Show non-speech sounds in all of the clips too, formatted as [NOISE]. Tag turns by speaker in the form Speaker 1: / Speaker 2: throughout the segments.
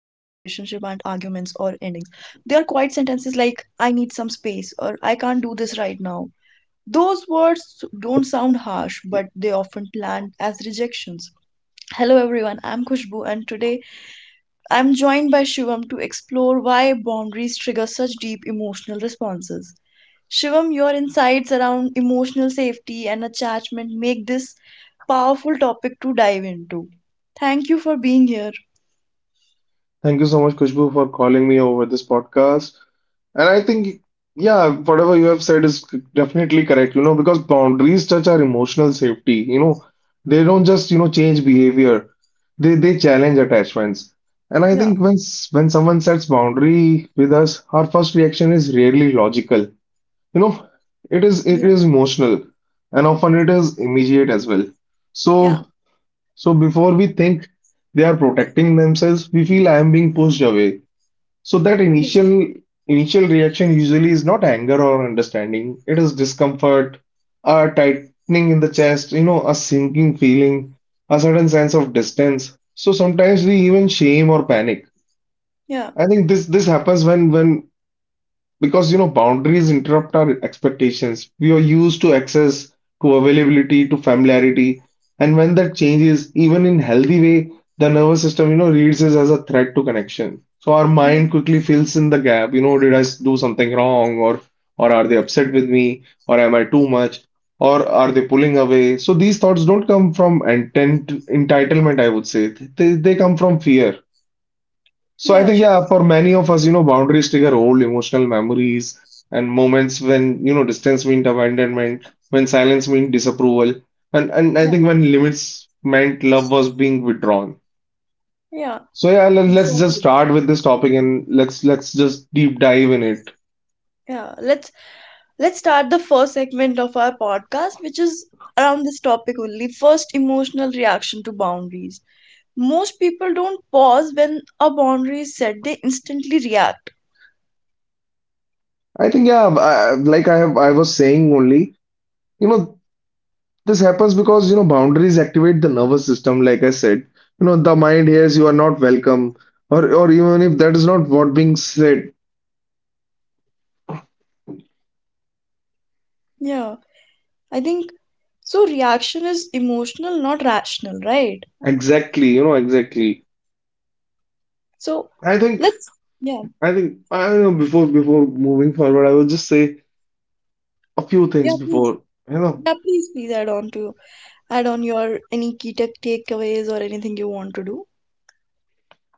Speaker 1: endings. They are quiet sentences like I need some space or I can't do this right now. Those words don't sound harsh, but they often land as rejections. Hello everyone, I'm Khushbu and today I'm joined by Shivam to explore why boundaries trigger such deep emotional responses. Shivam, your insights around emotional safety and attachment make this powerful topic to dive into. Thank you for being here.
Speaker 2: Thank you so much, Kushbu, for calling me over this podcast. And I think, yeah, whatever you have said is definitely correct, you know, because boundaries touch our emotional safety. You know, they don't just, change behavior. They challenge attachments. And I
Speaker 1: Yeah,
Speaker 2: think when someone sets boundary with us, our first reaction is rarely logical. You know, it is it
Speaker 1: yeah,
Speaker 2: is emotional, and often it is immediate as well.
Speaker 1: yeah,
Speaker 2: So so before we think they are protecting themselves, we feel I am being pushed away. So that
Speaker 1: yeah,
Speaker 2: initial reaction usually is not anger or understanding. It is discomfort, a tightening in the chest, you know, a sinking feeling, a certain sense of distance. So sometimes we even shame or panic.
Speaker 1: yeah,
Speaker 2: I think this happens when because you know, boundaries interrupt our expectations. We are used to access, to availability, to familiarity. And when that changes, even in healthy way, the nervous system, you know, reads this as a threat to connection. So our
Speaker 1: yeah,
Speaker 2: mind quickly fills in the gap. You know, do something wrong? Or are they upset with me? Or am I too much? Or are they pulling away? So these thoughts don't come from intent, entitlement, I would say. They come from fear. So I
Speaker 1: yeah,
Speaker 2: think, yeah,
Speaker 1: Shivam.
Speaker 2: for many of us, you know, boundaries trigger old emotional memories and moments when, you know, distance meant abandonment, when silence meant disapproval, and I
Speaker 1: Yeah,
Speaker 2: think when limits meant love was being withdrawn.
Speaker 1: yeah,
Speaker 2: So yeah, let's just
Speaker 1: exactly.
Speaker 2: start with this topic and let's just deep dive in it.
Speaker 1: Yeah, let's start the first segment of our podcast, which is around this topic only. First, emotional reaction to boundaries. Most people don't pause when a boundary is set. They instantly react.
Speaker 2: I think, yeah, like I was saying only, you know, this happens because, you know, boundaries activate the nervous system, like I said. You know, the mind hears you are not welcome, or even if that is not what being said.
Speaker 1: Yeah, I think so. Reaction is emotional, not rational, right?
Speaker 2: Exactly, you know, exactly.
Speaker 1: So
Speaker 2: I think,
Speaker 1: let's. Yeah,
Speaker 2: I think, I don't know, before moving forward, I will just say a few things
Speaker 1: yeah, please.
Speaker 2: before, you know,
Speaker 1: Yeah, please add on your any key tech takeaways or anything you want to do.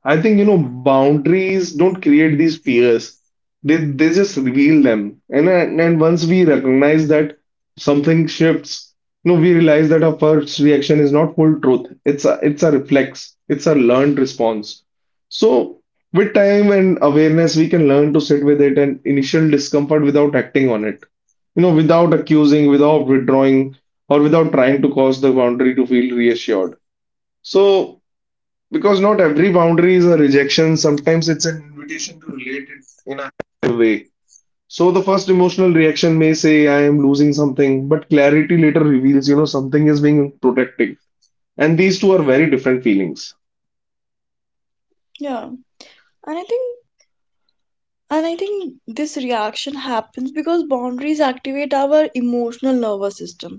Speaker 2: I think you know boundaries don't create these fears. They just reveal them. And once we recognize that something shifts, you know, we realize that our first reaction is not full truth. It's a reflex. It's a learned response. So with time and awareness, we can learn to sit with it and initial discomfort without acting on it. You know, without accusing, without withdrawing, or without trying to cause the boundary to feel reassured. So because not every boundary is a rejection, sometimes it's an invitation to relate it in a higher way. So the first emotional reaction may say, I am losing something, but clarity later reveals, you know, something is being protected. And these two are very different feelings.
Speaker 1: Yeah, and I think this reaction happens because boundaries activate our emotional nervous system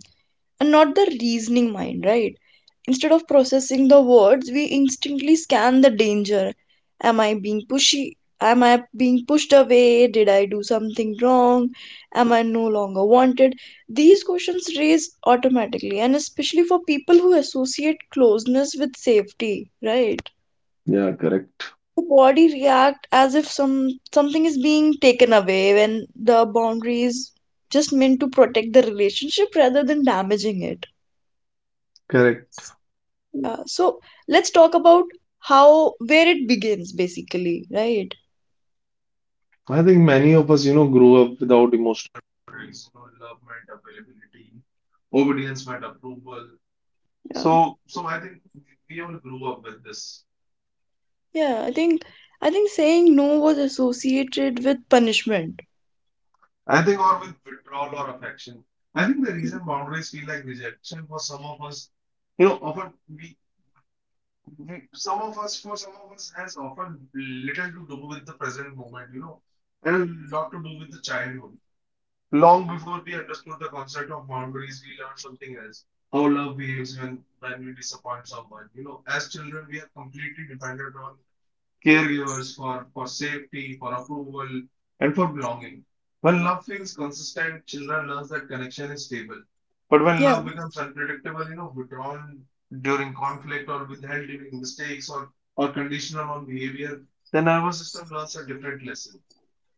Speaker 1: and not the reasoning mind, right? Instead of processing the words, we instinctively scan the danger. Am I being pushy? Am I being pushed away? Did I do something wrong? Am I no longer wanted? These questions raise automatically, and especially for people who associate closeness with safety, right?
Speaker 2: Yeah, correct.
Speaker 1: The body react as if something is being taken away when the boundary is just meant to protect the relationship rather than damaging it.
Speaker 2: Correct.
Speaker 1: Yeah. So let's talk about how where it begins basically, right?
Speaker 2: I think many of us, you know, grow up without emotional boundaries. You know, love meant availability, obedience meant approval.
Speaker 1: Yeah.
Speaker 2: So I think we all grew up with this.
Speaker 1: Yeah, I think saying no was associated with punishment.
Speaker 2: I think, or with withdrawal or affection. I think the reason boundaries feel like rejection for some of us, you know, often we some of us, for some of us, has often little to do with the present moment, you know, and a lot to do with the childhood. Long before we understood the concept of boundaries, we learned something else. How love behaves when we disappoint someone. You know, as children, we are completely dependent on caregivers, for safety, for approval, and for belonging. When love feels consistent, children learn that connection is stable. But when
Speaker 1: Yeah,
Speaker 2: love becomes unpredictable, you know, withdrawn during conflict or withheld during mistakes or conditional on behavior, the nervous system learns a different lesson.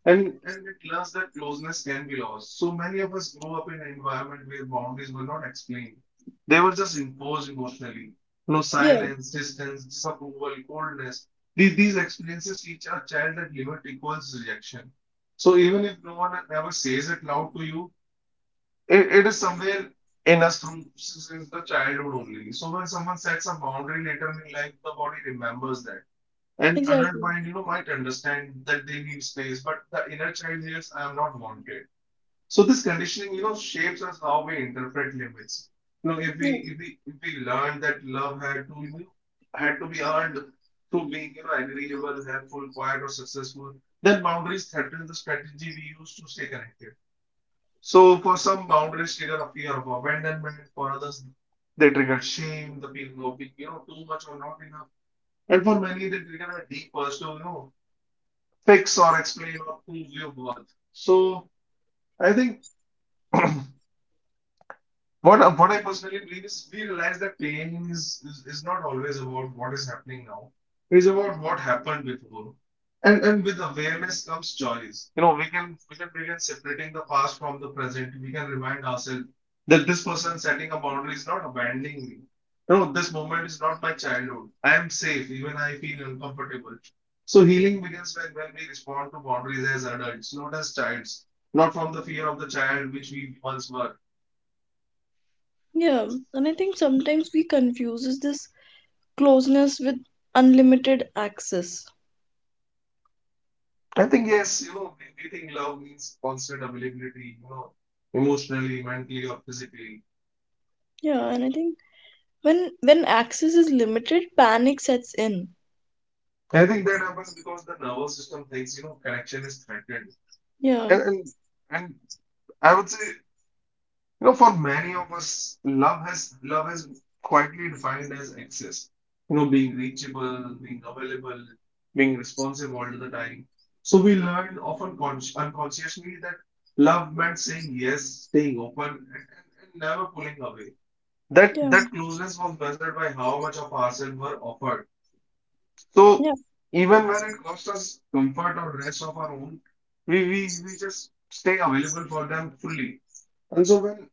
Speaker 2: And at last, that closeness can be lost. So many of us grew up in an environment where boundaries were not explained. They were just imposed emotionally. No
Speaker 1: yeah,
Speaker 2: silence, distance, disapproval, coldness. These experiences teach a child that limit equals rejection. So even if no one ever says it loud to you, it is somewhere in us through since the childhood only. So when someone sets a boundary later in life, the body remembers that. An adult
Speaker 1: exactly.
Speaker 2: mind, you know, might understand that they need space, but the inner child hears, I am not wanted. So this conditioning, you know, shapes us how we interpret limits. You know, if we
Speaker 1: Yeah.
Speaker 2: if we if we learn that love had to you know, had to be earned through being, you know, agreeable, helpful, quiet, or successful, then boundaries threaten the strategy we use to stay connected. So for some boundaries trigger a fear of abandonment, for others they trigger shame, the feeling of being, you know, too much or not enough. And for many, they trigger a deep personal, you know, fix or explain or prove your worth. So I think [CLEARS THROAT] what I personally believe is we realize that is not always about what is happening now. It's about what happened before. And with awareness comes choice. You know, we can begin separating the past from the present. We can remind ourselves that this person setting a boundary is not abandoning me. No, this moment is not my childhood. I am safe, even I feel uncomfortable. So healing begins when we respond to boundaries as adults, not as childs, not from the fear of the child which we once were.
Speaker 1: Yeah. And I think sometimes we confuses this closeness with unlimited access.
Speaker 2: I think yes, you know, I think love means constant availability, you know, emotionally, mentally, or physically.
Speaker 1: Yeah, and I think when access is limited, panic sets in.
Speaker 2: I think that happens because the nervous system thinks, you know, connection is threatened.
Speaker 1: Yeah.
Speaker 2: And and, and I would say, you know, for many of us, love is quietly defined as access. You know, being reachable, being available, being responsive all the time. So we learn often consci unconsciously that love meant saying yes, staying open, and never pulling away. That
Speaker 1: Yeah.
Speaker 2: that closeness was measured by how much of ourselves were offered. So
Speaker 1: Yeah.
Speaker 2: even when it cost us comfort or rest of our own, we just stay available for them fully. And so when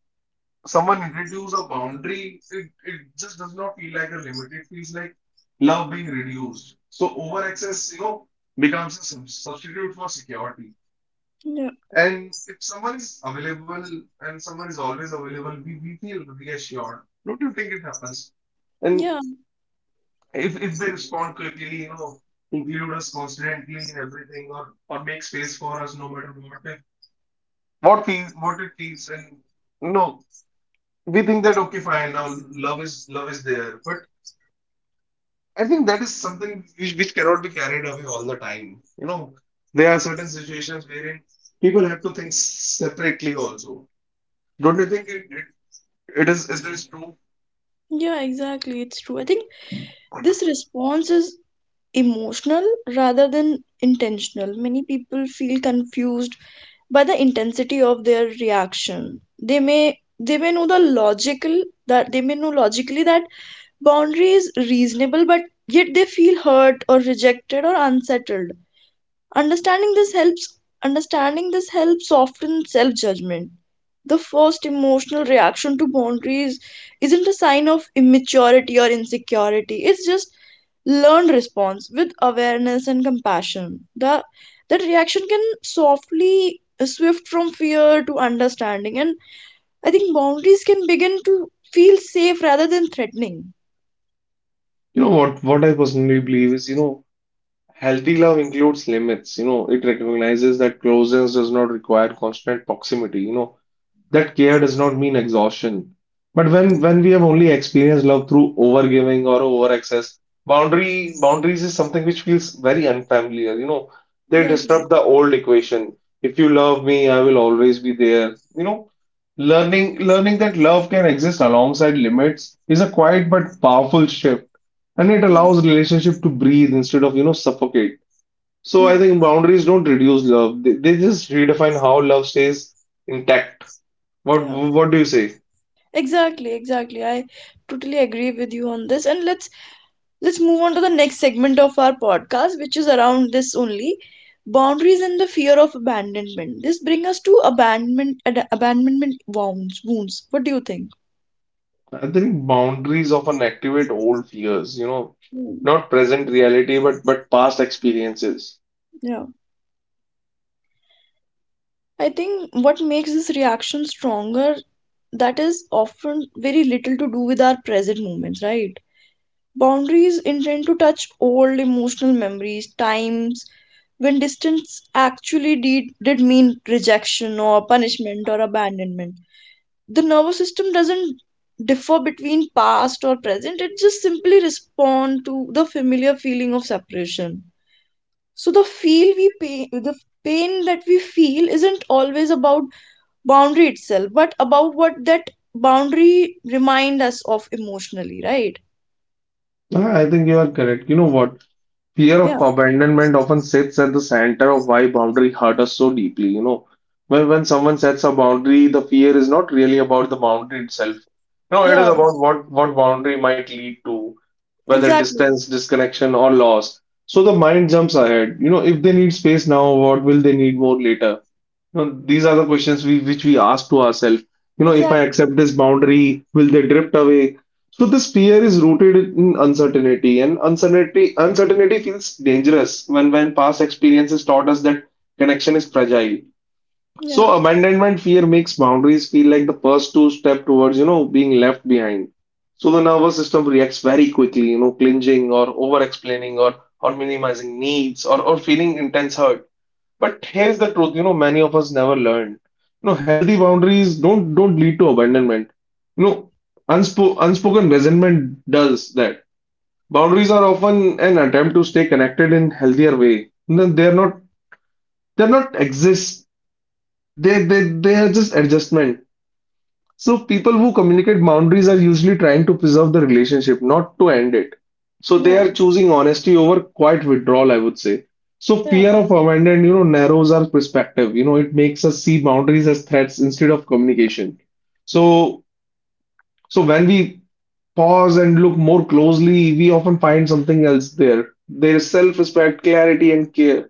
Speaker 2: someone introduces a boundary, it just does not feel like a limit. It feels like love being reduced. So over access, you know, becomes a substitute for security.
Speaker 1: Yeah.
Speaker 2: And if someone is available and someone is always available, we feel reassured. Don't you think it happens? And
Speaker 1: Yeah.
Speaker 2: if they respond quickly, you know, include us constantly in everything, or make space for us, no matter what it feels, and you know, we think that okay, fine, now love is there, but I think that is something which cannot be carried away all the time. You know, there are certain situations wherein people have to think separately also. Don't you think it is true?
Speaker 1: Yeah, exactly. It's true. I think this response is emotional rather than intentional. Many people feel confused by the intensity of their reaction. They may know the logical that they may know logically that boundary is reasonable, but yet they feel hurt or rejected or unsettled. understanding this helps Understanding this helps soften self judgment the first emotional reaction to boundaries isn't a sign of immaturity or insecurity, it's just learned response with awareness and compassion. That reaction can softly swift from fear to understanding, and I think boundaries can begin to feel safe rather than threatening.
Speaker 2: You know what I personally believe is, you know. Healthy love includes limits, you know, it recognizes that closeness does not require constant proximity, you know that care does not mean exhaustion. But when we have only experienced love through overgiving or over excess, boundary boundaries is something which feels very unfamiliar. You know, they
Speaker 1: Exactly.
Speaker 2: disrupt the old equation. If you love me, I will always be there. You know, learning that love can exist alongside limits is a quiet but powerful shift, and it allows relationship to breathe instead of, you know, suffocate. So I
Speaker 1: Yeah,
Speaker 2: think boundaries don't reduce love. They just redefine how love stays intact. What
Speaker 1: yeah,
Speaker 2: do you say?
Speaker 1: exactly, exactly. I totally agree with you on this. And let's move on to the next segment of our podcast, which is around this only, boundaries and the fear of abandonment. This brings us to abandonment wounds. What do you think?
Speaker 2: I think boundaries often activate old fears, you know,
Speaker 1: Hmm.
Speaker 2: not present reality, but past experiences.
Speaker 1: Yeah, I think what makes this reaction stronger, that is often very little to do with our present moments, right? Boundaries intend to touch old emotional memories, times when distance actually did mean rejection or punishment or abandonment. The nervous system doesn't differ between past or present, it just simply respond to the familiar feeling of separation. So the pain that we feel isn't always about boundary itself, but about what that boundary remind us of emotionally, right?
Speaker 2: Ah, I think you are correct. You know what? Fear
Speaker 1: Yeah,
Speaker 2: of abandonment often sits at the center of why boundary hurt us so deeply. You know, when someone sets a boundary, the fear is not really about the boundary itself. No, it is
Speaker 1: yeah,
Speaker 2: about what boundary might lead to, whether
Speaker 1: exactly,
Speaker 2: distance, disconnection, or loss. So the mind jumps ahead. You know, if they need space now, what will they need more later? You know, these are the questions we which we ask to ourselves. You know, if I
Speaker 1: exactly.
Speaker 2: accept this boundary, will they drift away? So this fear is rooted in uncertainty, and uncertainty feels dangerous when past experiences taught us that connection is fragile.
Speaker 1: Yeah,
Speaker 2: So abandonment fear makes boundaries feel like the first two step towards, you know, being left behind. So the nervous system reacts very quickly, you know, clinging or over explaining or minimizing needs or feeling intense hurt. But here's the truth, you know, many of us never learn. You know, healthy boundaries don't lead to abandonment. You know, unspoken resentment does that. Boundaries are often an attempt to stay connected in healthier way. No, they're not exist. They they are just adjustment. So people who communicate boundaries are usually trying to preserve the relationship, not to end it. So they
Speaker 1: yeah,
Speaker 2: are choosing honesty over quiet withdrawal, I would say. So
Speaker 1: yeah,
Speaker 2: fear of abandon, you know, narrows our perspective. You know, it makes us see boundaries as threats instead of communication. So so when we pause and look more closely, we often find something else there. There is self-respect, clarity, and care.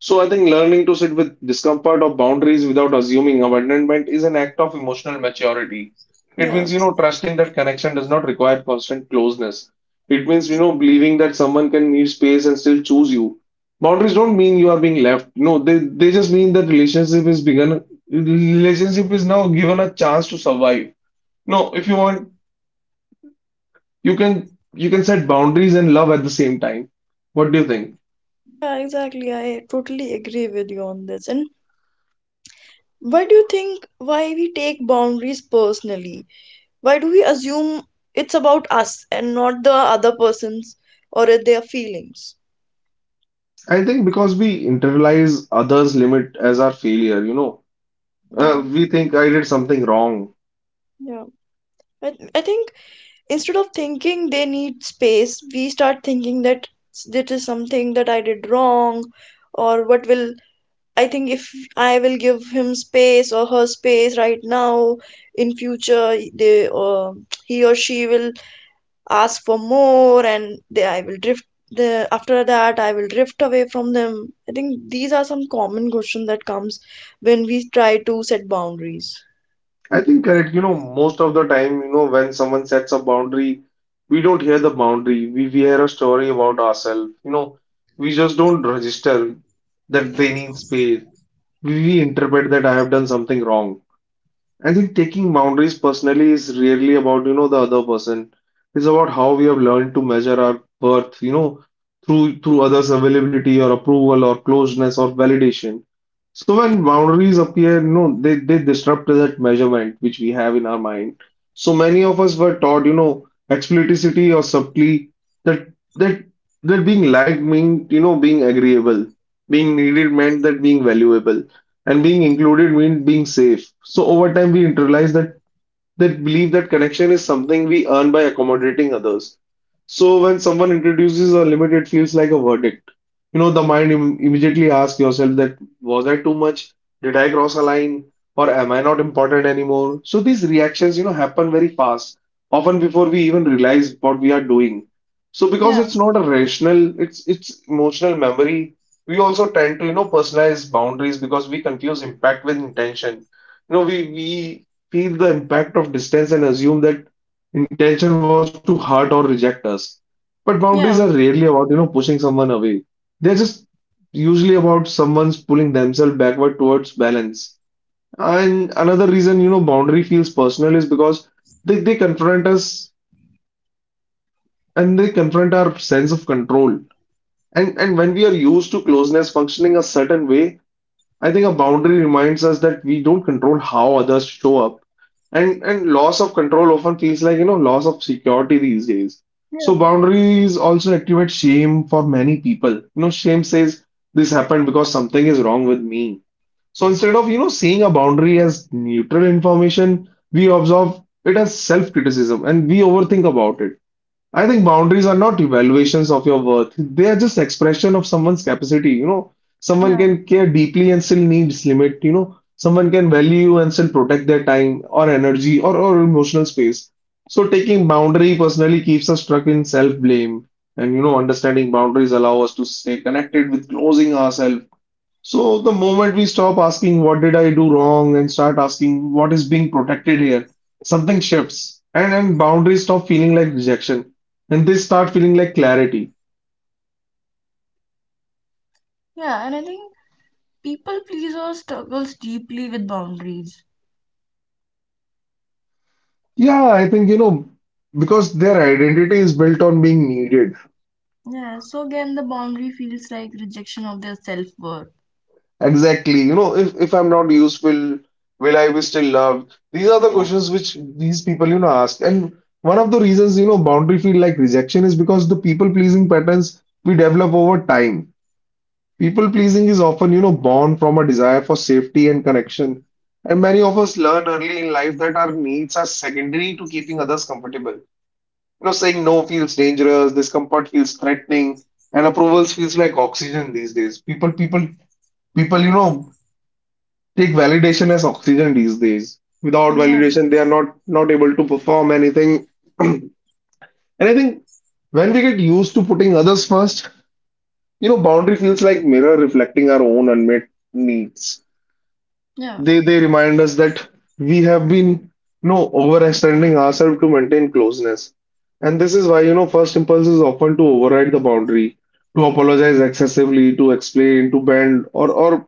Speaker 2: So I think learning to sit with discomfort or boundaries without assuming abandonment is an act of emotional maturity. It
Speaker 1: yeah,
Speaker 2: means, you know, trusting that connection does not require constant closeness. It means, you know, believing that someone can need space and still choose you. Boundaries don't mean you are being left. No, they just mean that relationship is begun, relationship is now given a chance to survive. No, if you want you can you can set boundaries and love at the same time. What do you think?
Speaker 1: yeah, exactly. I totally agree with you on this. And why do you think, why we take boundaries personally? Why do we assume it's about us and not the other person's or their feelings?
Speaker 2: I think because we internalize others' limit as our failure, you know,
Speaker 1: Yeah,
Speaker 2: we think I did something wrong.
Speaker 1: yeah. I think instead of thinking they need space, we start thinking that it is something that I did wrong. Or what will I think, if I will give him space or her space right now, in future they he or she will ask for more, and they, I will drift the after that I will drift away from them. I think these are some common question that comes when we try to set boundaries.
Speaker 2: I think correct, you know, most of the time, you know, when someone sets a boundary, we don't hear the boundary. We hear a story about ourselves, you know, we just don't register that they need space. We interpret that I have done something wrong. I think taking boundaries personally is really about, you know, the other person. It's about how we have learned to measure our worth, you know, through others' availability or approval or closeness or validation. So when boundaries appear, you know, they disrupt that measurement which we have in our mind. So many of us were taught, you know, explicitly or subtly that that that being liked meant, you know, being agreeable. Being needed meant that being valuable and being included means being safe. So over time, we internalize that they believe that connection is something we earn by accommodating others. So when someone introduces a limit, it feels like a verdict. You know, the mind immediately asks yourself that was I too much? Did I cross a line? Or am I not important anymore? So these reactions, you know, happen very fast, often before we even realize what we are doing. So because
Speaker 1: Yeah,
Speaker 2: it's not a rational, it's emotional memory. We also tend to, you know, personalize boundaries because we confuse impact with intention. You know, we feel the impact of distance and assume that intention was to hurt or reject us. But boundaries are
Speaker 1: yeah,
Speaker 2: rarely about, you know, pushing someone away. They're just usually about someone's pulling themselves backward towards balance. And another reason, you know, boundary feels personal is because they confront us and they confront our sense of control. And when we are used to closeness functioning a certain way, I think a boundary reminds us that we don't control how others show up. And loss of control often feels like, you know, loss of security these days. So
Speaker 1: yeah,
Speaker 2: boundaries also activate shame for many people. You know, shame says this happened because something is wrong with me. So instead of, you know, seeing a boundary as neutral information, we observe it as self-criticism and we overthink about it. I think boundaries are not evaluations of your worth. They are just expression of someone's capacity. You know, someone
Speaker 1: yeah,
Speaker 2: can care deeply and still needs limit. You know, someone can value you and still protect their time or energy or emotional space. So taking boundary personally keeps us stuck in self-blame. And you know, understanding boundaries allow us to stay connected with closing ourselves so the moment we stop asking what did I do wrong and start asking what is being protected here, something shifts and boundaries stop feeling like rejection and they start feeling like clarity.
Speaker 1: yeah. And I think people pleaser struggles deeply with boundaries.
Speaker 2: Yeah, I think you know because their identity is built on being needed.
Speaker 1: Yeah, so again, the boundary feels like rejection of their self-worth.
Speaker 2: Exactly. You know, if I'm not useful, will I be still loved? These are the
Speaker 1: Yeah,
Speaker 2: questions which these people you know ask. And one of the reasons you know boundary feel like rejection is because the people pleasing patterns we develop over time. People pleasing is often, you know, born from a desire for safety and connection. And many of us learn early in life that our needs are secondary to keeping others comfortable. You know, saying no feels dangerous, discomfort feels threatening, and approvals feels like oxygen these days. People, you know, take validation as oxygen these days. Without validation, they are not able to perform anything. [CLEARS THROAT] And I think when we get used to putting others first, you know, boundary feels like mirror reflecting our own unmet needs.
Speaker 1: yeah,
Speaker 2: They remind us that we have been you know overextending ourselves to maintain closeness. And this is why, you know, first impulse is often to override the boundary, to apologize excessively, to explain, to bend, or or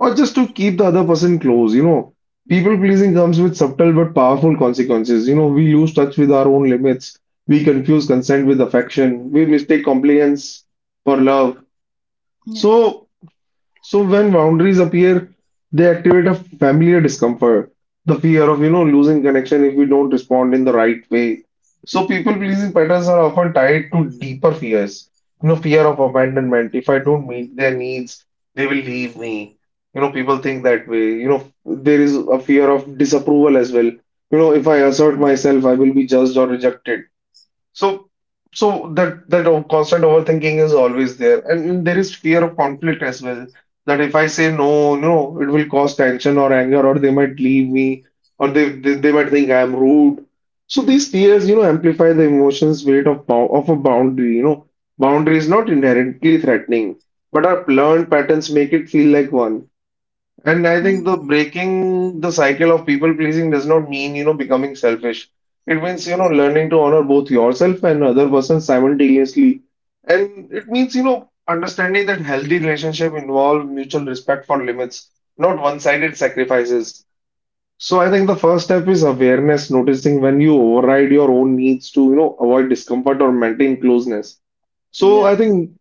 Speaker 2: or just to keep the other person close, you know. People pleasing comes with subtle but powerful consequences. You know, we lose touch with our own limits. We confuse consent with affection. We mistake compliance for love.
Speaker 1: yeah,
Speaker 2: So so when boundaries appear, they activate a familiar discomfort, the fear of, you know, losing connection if we don't respond in the right way. So people pleasing patterns are often tied to deeper fears. You know, fear of abandonment. If I don't meet their needs, they will leave me. You know, people think that way. You know, there is a fear of disapproval as well. You know, if I assert myself, I will be judged or rejected. So constant overthinking is always there, and there is fear of conflict as well. That if I say no, no, it will cause tension or anger, or they might leave me, or they might think I am rude. So these fears, you know, amplify the emotions weight of of a boundary. You know, boundary is not inherently threatening, but our learned patterns make it feel like one. And I
Speaker 1: yeah,
Speaker 2: think the breaking the cycle of people pleasing does not mean, you know, becoming selfish. It means, you know, learning to honor both yourself and other person simultaneously. And it means, you know, understanding that healthy relationship involve mutual respect for limits, not one-sided sacrifices. So I think the first step is awareness, noticing when you override your own needs to, you know, avoid discomfort or maintain closeness. So I
Speaker 1: yeah,
Speaker 2: think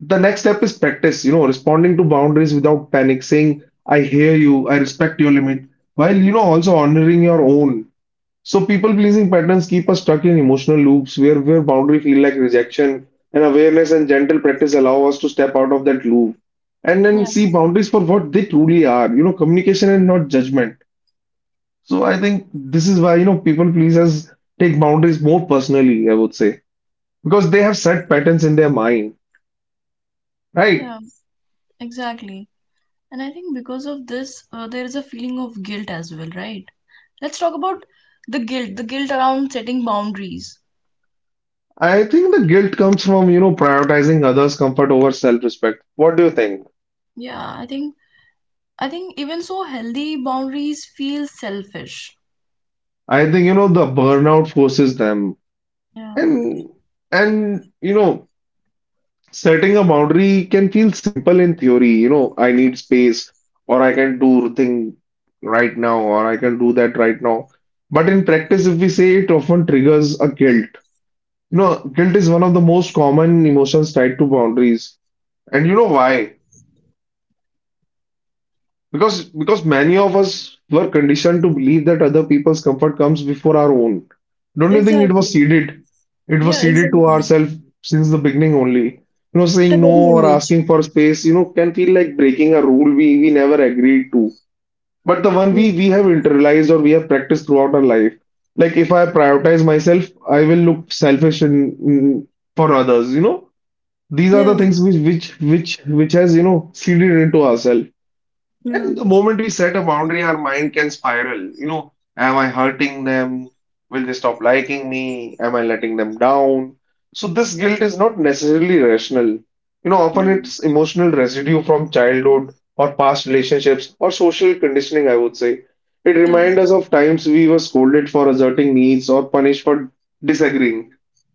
Speaker 2: the next step is practice, you know, responding to boundaries without panic, saying, I hear you, I respect your limit, while, you know, also honoring your own. So people pleasing patterns keep us stuck in emotional loops where boundary feel like rejection and awareness and gentle practice allow us to step out of that loop and then
Speaker 1: yeah,
Speaker 2: see boundaries for what they truly are, you know, communication and not judgment. So I think this is why, you know, people pleasers take boundaries more personally, I would say, because they have set patterns in their mind, right?
Speaker 1: yeah, exactly. And I think because of this, there is a feeling of guilt as well, right? Let's talk about the guilt around setting boundaries.
Speaker 2: I think the guilt comes from, you know, prioritizing others' comfort over self-respect. What do you think?
Speaker 1: Yeah, I think even so, healthy boundaries feel selfish.
Speaker 2: I think, you know, the burnout forces them.
Speaker 1: Yeah.
Speaker 2: And and you know, setting a boundary can feel simple in theory. You know, I need space, or I can do thing right now, or I can do that right now. But in practice, if we say it often triggers a guilt. You know, guilt is one of the most common emotions tied to boundaries. And you know why? Because many of us were conditioned to believe that other people's comfort comes before our own. Don't you think it was
Speaker 1: Exactly.
Speaker 2: seeded? It was
Speaker 1: Yeah,
Speaker 2: seeded to
Speaker 1: exactly.
Speaker 2: ourselves since the beginning only. You know,
Speaker 1: At a
Speaker 2: saying no
Speaker 1: very young
Speaker 2: or
Speaker 1: age.
Speaker 2: asking for space, you know, can feel like breaking a rule we never agreed to. But the one we
Speaker 1: Yeah.
Speaker 2: we have internalized or we have practiced throughout our life. Like if I prioritize myself, I will look selfish in, in- for others, you know. These are the
Speaker 1: Yeah.
Speaker 2: things which which has, you know, seeded into ourselves.
Speaker 1: Yeah.
Speaker 2: And the moment we set a boundary, our mind can spiral. You know, am I hurting them? Will they stop liking me? Am I letting them down? So this guilt is not necessarily rational. You know, often it's emotional residue from childhood or past relationships or social conditioning, I would say. It
Speaker 1: Yeah. Yeah.
Speaker 2: reminds us of times we were scolded for asserting needs or punished for disagreeing.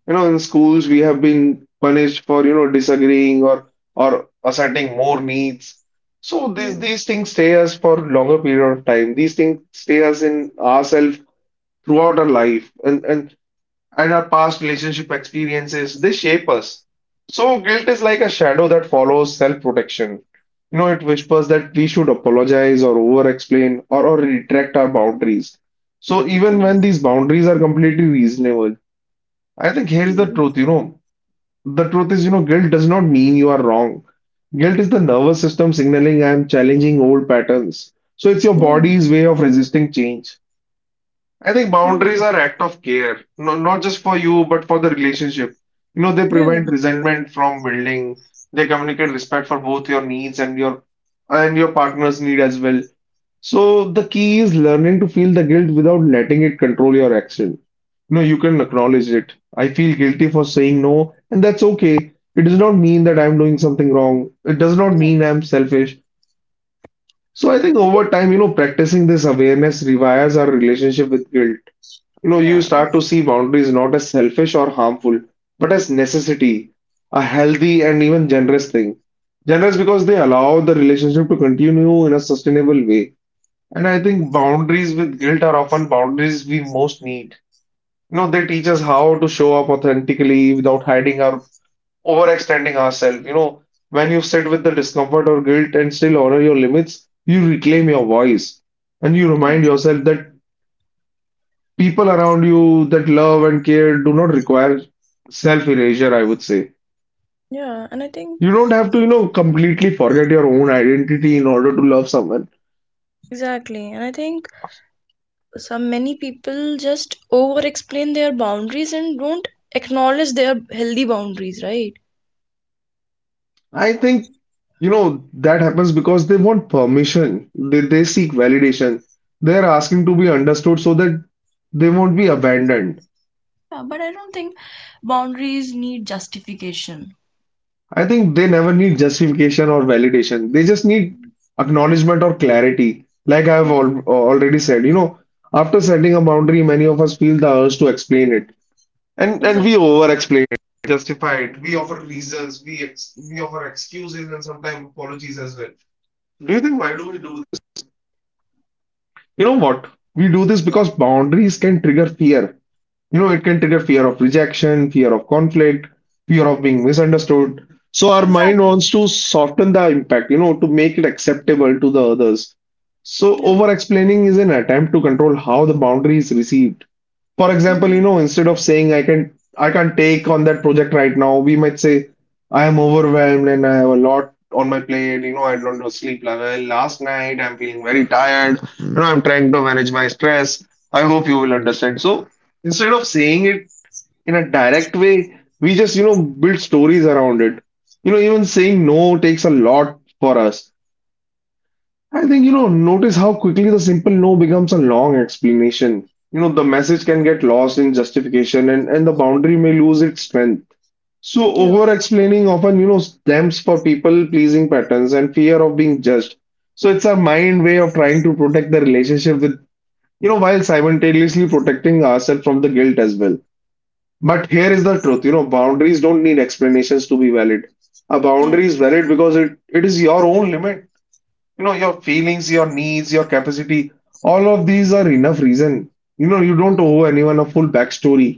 Speaker 2: You know, in schools we have been punished for, you know, disagreeing or asserting more needs. So
Speaker 1: Yeah. Yeah.
Speaker 2: these things stay us for longer period of time. These things stay us in ourselves throughout our life and our past relationship experiences. They shape us. So guilt is like a shadow that follows self-protection. You know, it whispers that we should apologize or over-explain or retract our boundaries. So even when these boundaries are completely reasonable, I think here is the truth, you know, the truth is, you know, guilt does not mean you are wrong. Guilt is the nervous system signaling I am challenging old patterns. So it's your
Speaker 1: Yeah.
Speaker 2: body's way of resisting change. I think
Speaker 1: Yeah.
Speaker 2: boundaries are act of care, no, not just for you, but for the relationship. You know, they
Speaker 1: Yeah.
Speaker 2: prevent resentment from building. They communicate respect for both your needs and your partner's need as well. So the key is learning to feel the guilt without letting it control your action. No, you can acknowledge it. I feel guilty for saying no, and that's okay. It does not mean that I'm doing something wrong. It does not
Speaker 1: Yeah.
Speaker 2: mean I'm selfish. So I think
Speaker 1: I think.
Speaker 2: over time, you know, practicing this awareness rewires our relationship with guilt. You know, you
Speaker 1: Yeah.
Speaker 2: start to see boundaries not as selfish or harmful, but as necessity, a healthy and even generous thing. Generous because they allow the relationship to continue in a sustainable way. And I think boundaries with guilt are often boundaries we most need. You know, they teach us how to show up authentically without hiding or overextending ourselves. You know, when you sit with the discomfort or guilt and still honor your limits, you reclaim your voice and you
Speaker 1: Yeah.
Speaker 2: remind yourself that people around you that love and care do not require self-erasure, I would say.
Speaker 1: Yeah. And I think
Speaker 2: You don't have to, you know, completely forget your own identity in order to love someone.
Speaker 1: exactly. And I think. Some Many people just over explain their boundaries and don't acknowledge their healthy boundaries, right?
Speaker 2: I think, you know, that happens because they want permission. They seek validation. They're asking to be understood so that they won't be abandoned.
Speaker 1: Yeah, but I don't think boundaries need justification.
Speaker 2: I think they never need justification or validation. They just need acknowledgement or clarity. Like I've
Speaker 1: Mm,
Speaker 2: al already said, you know, after setting a boundary, many of us feel the urge to explain it. And we
Speaker 1: exactly.
Speaker 2: over-explain it, justify it. We offer reasons, we offer excuses and sometimes apologies as well. Do you think why do we do You know what? We do this
Speaker 1: Yeah,
Speaker 2: because boundaries can trigger fear, you know, it can trigger fear of rejection, fear of conflict, fear of being misunderstood. So our mind wants
Speaker 1: exactly.
Speaker 2: to soften the impact, you know, to make it acceptable to the others. So
Speaker 1: Yeah,
Speaker 2: over explaining is an attempt to control how the boundary is received. For example, you know,
Speaker 1: exactly.
Speaker 2: instead of saying I can't take on that project right now, we might say I am overwhelmed and I have a lot on my plate, you know, I don't know sleep well last night, I'm feeling very tired, you know, I'm trying to manage my stress, I hope you will understand. So instead of saying it in a direct way, we just, you know, build stories around it. You know, even saying no takes a lot for us. I think, you know, notice how quickly the simple no becomes a long explanation. You know, the message can get lost in justification, and the boundary may lose its strength. So
Speaker 1: Yeah,
Speaker 2: over explaining often, you know, stems for people pleasing patterns and fear of being judged. So it's our mind way of trying to protect the relationship with, you know, while simultaneously protecting ourselves from the guilt as well. But here is the truth, you know, boundaries don't need explanations to be valid. A
Speaker 1: yeah,
Speaker 2: boundary is valid because it is your own limit. You know, your feelings, your needs, your capacity, all of these are enough reason. You know, you don't owe anyone a full backstory.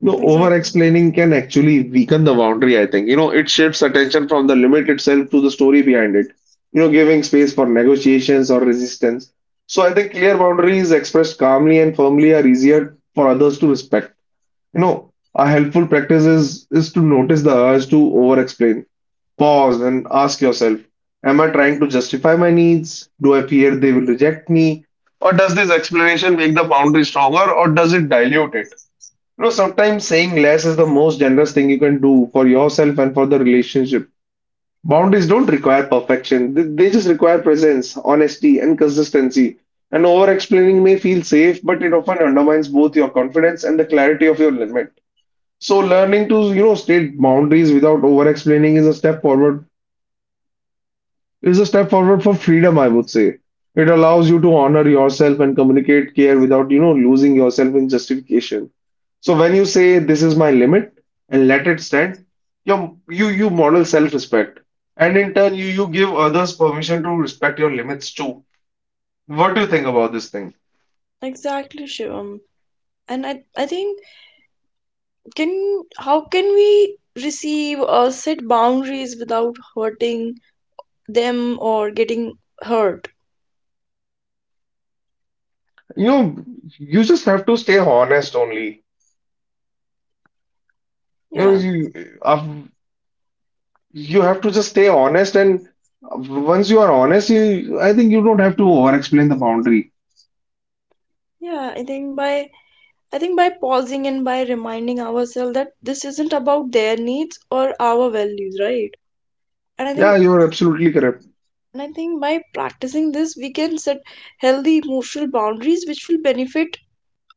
Speaker 2: You know, over
Speaker 1: exactly,
Speaker 2: explaining can actually weaken the boundary, I think. You know, it shifts attention from the limit itself to the story behind it. You know, giving space for negotiations or resistance. So I think clear boundaries expressed calmly and firmly are easier for others to respect. You know, a helpful practice is to notice the urge to over-explain. Pause and ask yourself, am I trying to justify my needs? Do I fear they will reject me? Or does this explanation make the boundary stronger or does it dilute it? You know, sometimes saying less is the most generous thing you can do for yourself and for the relationship. Boundaries don't require perfection. They just require presence, honesty, and consistency. And over-explaining may feel safe, but it often undermines both your confidence and the clarity of your limit. So learning to, you know, state boundaries without over-explaining is a step forward, is a step forward for freedom, I would say. It allows you to honor yourself and communicate care without, you know, losing yourself in justification. So when you say this is my limit and let it stand, you model self-respect. And in turn, you give others permission to respect your limits too. What do you think about this thing?
Speaker 1: exactly, Shivam. And I think, can how can we receive or set boundaries without hurting them or getting hurt?
Speaker 2: You know, you just have to stay honest only. You know,
Speaker 1: Yeah,
Speaker 2: you, You have to just stay honest, and once you are honest, you I think you don't have to over-explain the boundary.
Speaker 1: yeah, I think by pausing and by reminding ourselves that this isn't about their needs or our values, right? And I
Speaker 2: Yeah,
Speaker 1: think
Speaker 2: you are absolutely correct.
Speaker 1: and I think by practicing this we can set healthy emotional boundaries which will benefit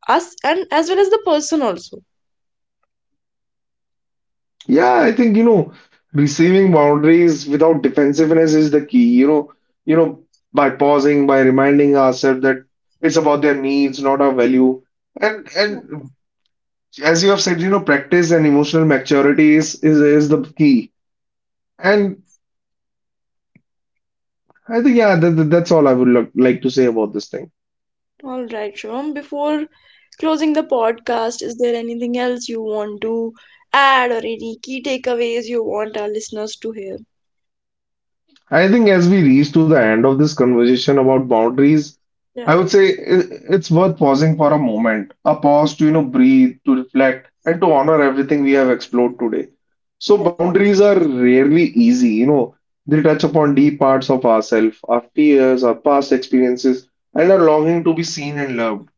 Speaker 1: us and as well as the person also.
Speaker 2: Yeah, I think, you know, receiving boundaries without defensiveness is the key. You know by pausing, by reminding ourselves that it's about their needs, not our value,
Speaker 1: Yeah.
Speaker 2: and as you have said, you know, practice and emotional maturity is the key. And I think, yeah, that's all I would like to say about this thing.
Speaker 1: All right, Shivam. Before closing the podcast, is there anything else you want to add or any key takeaways you want our listeners to hear?
Speaker 2: I think as we reach to the end of this conversation about boundaries, I
Speaker 1: Yeah.
Speaker 2: would say it's worth pausing for a moment, a pause to, you know, breathe, to reflect, and to honor everything we have explored today. So
Speaker 1: Excellent.
Speaker 2: boundaries are rarely easy, you know, they touch upon deep parts of ourselves, our fears, our past experiences, and our longing to be seen and loved.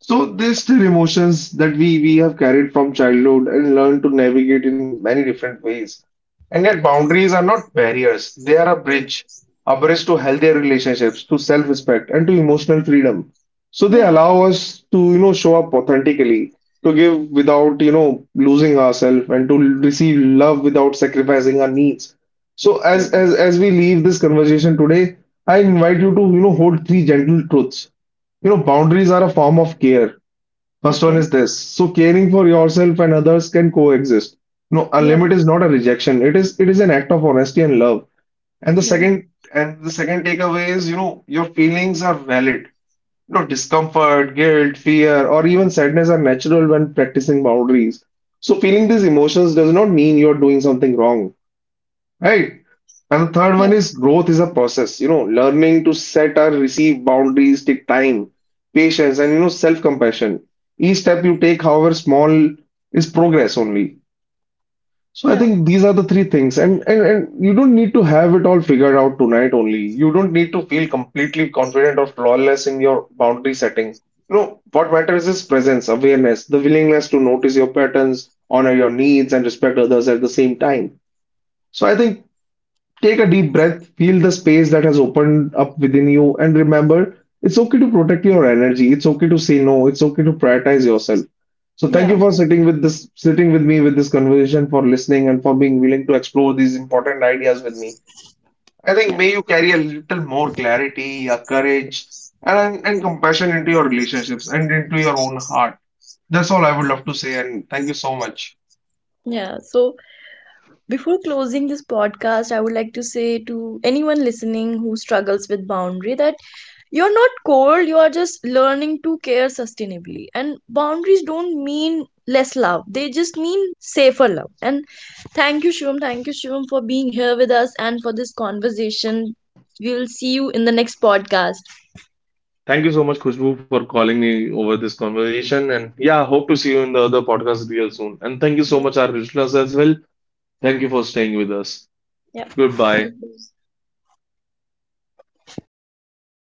Speaker 2: So there's still emotions that we have carried from childhood and learned to navigate in many different ways. And yet boundaries are not barriers. They are a bridge to healthier relationships, to self-respect, and to emotional freedom. So they
Speaker 1: Yeah.
Speaker 2: allow us to, you know, show up authentically, to give without, you know, losing ourselves, and to receive love without sacrificing our needs. So
Speaker 1: Yeah.
Speaker 2: as we leave this conversation today, I invite you to, you know, hold three gentle truths. You know, boundaries are a form of care. First one
Speaker 1: Okay.
Speaker 2: is this. So caring for yourself and others can coexist. No, a limit
Speaker 1: Yeah.
Speaker 2: is not a rejection. It is an act of honesty and love. And
Speaker 1: Yeah.
Speaker 2: the second takeaway is, you know, your feelings are valid. You know, discomfort, guilt, fear, or even sadness are natural when practicing boundaries. So feeling these emotions does not mean you're doing something wrong. Right. And the third
Speaker 1: Yeah.
Speaker 2: one is growth is a process. You know, learning to set or receive boundaries take time, patience, and, you know, self-compassion. Each step you take, however small, is progress only. So I
Speaker 1: Yeah.
Speaker 2: think these are the three things. And you don't need to have it all figured out tonight only. You don't need to feel completely confident or flawless in your boundary setting. You know, what matters is presence, awareness, the willingness to notice your patterns, honor your needs, and respect others at the same time. So I think take a deep breath, feel the space that has opened up within you, and remember it's okay to protect your energy. It's okay to say no. It's okay to prioritize yourself. So thank
Speaker 1: Yeah.
Speaker 2: you for sitting with this, sitting with me with this conversation, for listening, and for being willing to explore these important ideas with me. I think
Speaker 1: Yeah.
Speaker 2: may you carry a little more clarity, a courage, and compassion into your relationships and into your own heart. That's all I would love to say, and thank you so much.
Speaker 1: Yeah. So before closing this podcast, I would like to say to anyone listening who struggles with boundary that you're not cold, you are just learning to care sustainably. And boundaries don't mean less love, they just mean safer love. And thank you, Shivam. Thank you, Shivam, for being here with us and for this conversation. We will see you in the next podcast.
Speaker 2: Thank you for calling me over this conversation. You in the other podcast real soon. And thank you so much,
Speaker 1: Yeah.
Speaker 2: our listeners, as well. Thank you for staying with us. Goodbye.
Speaker 1: Yeah.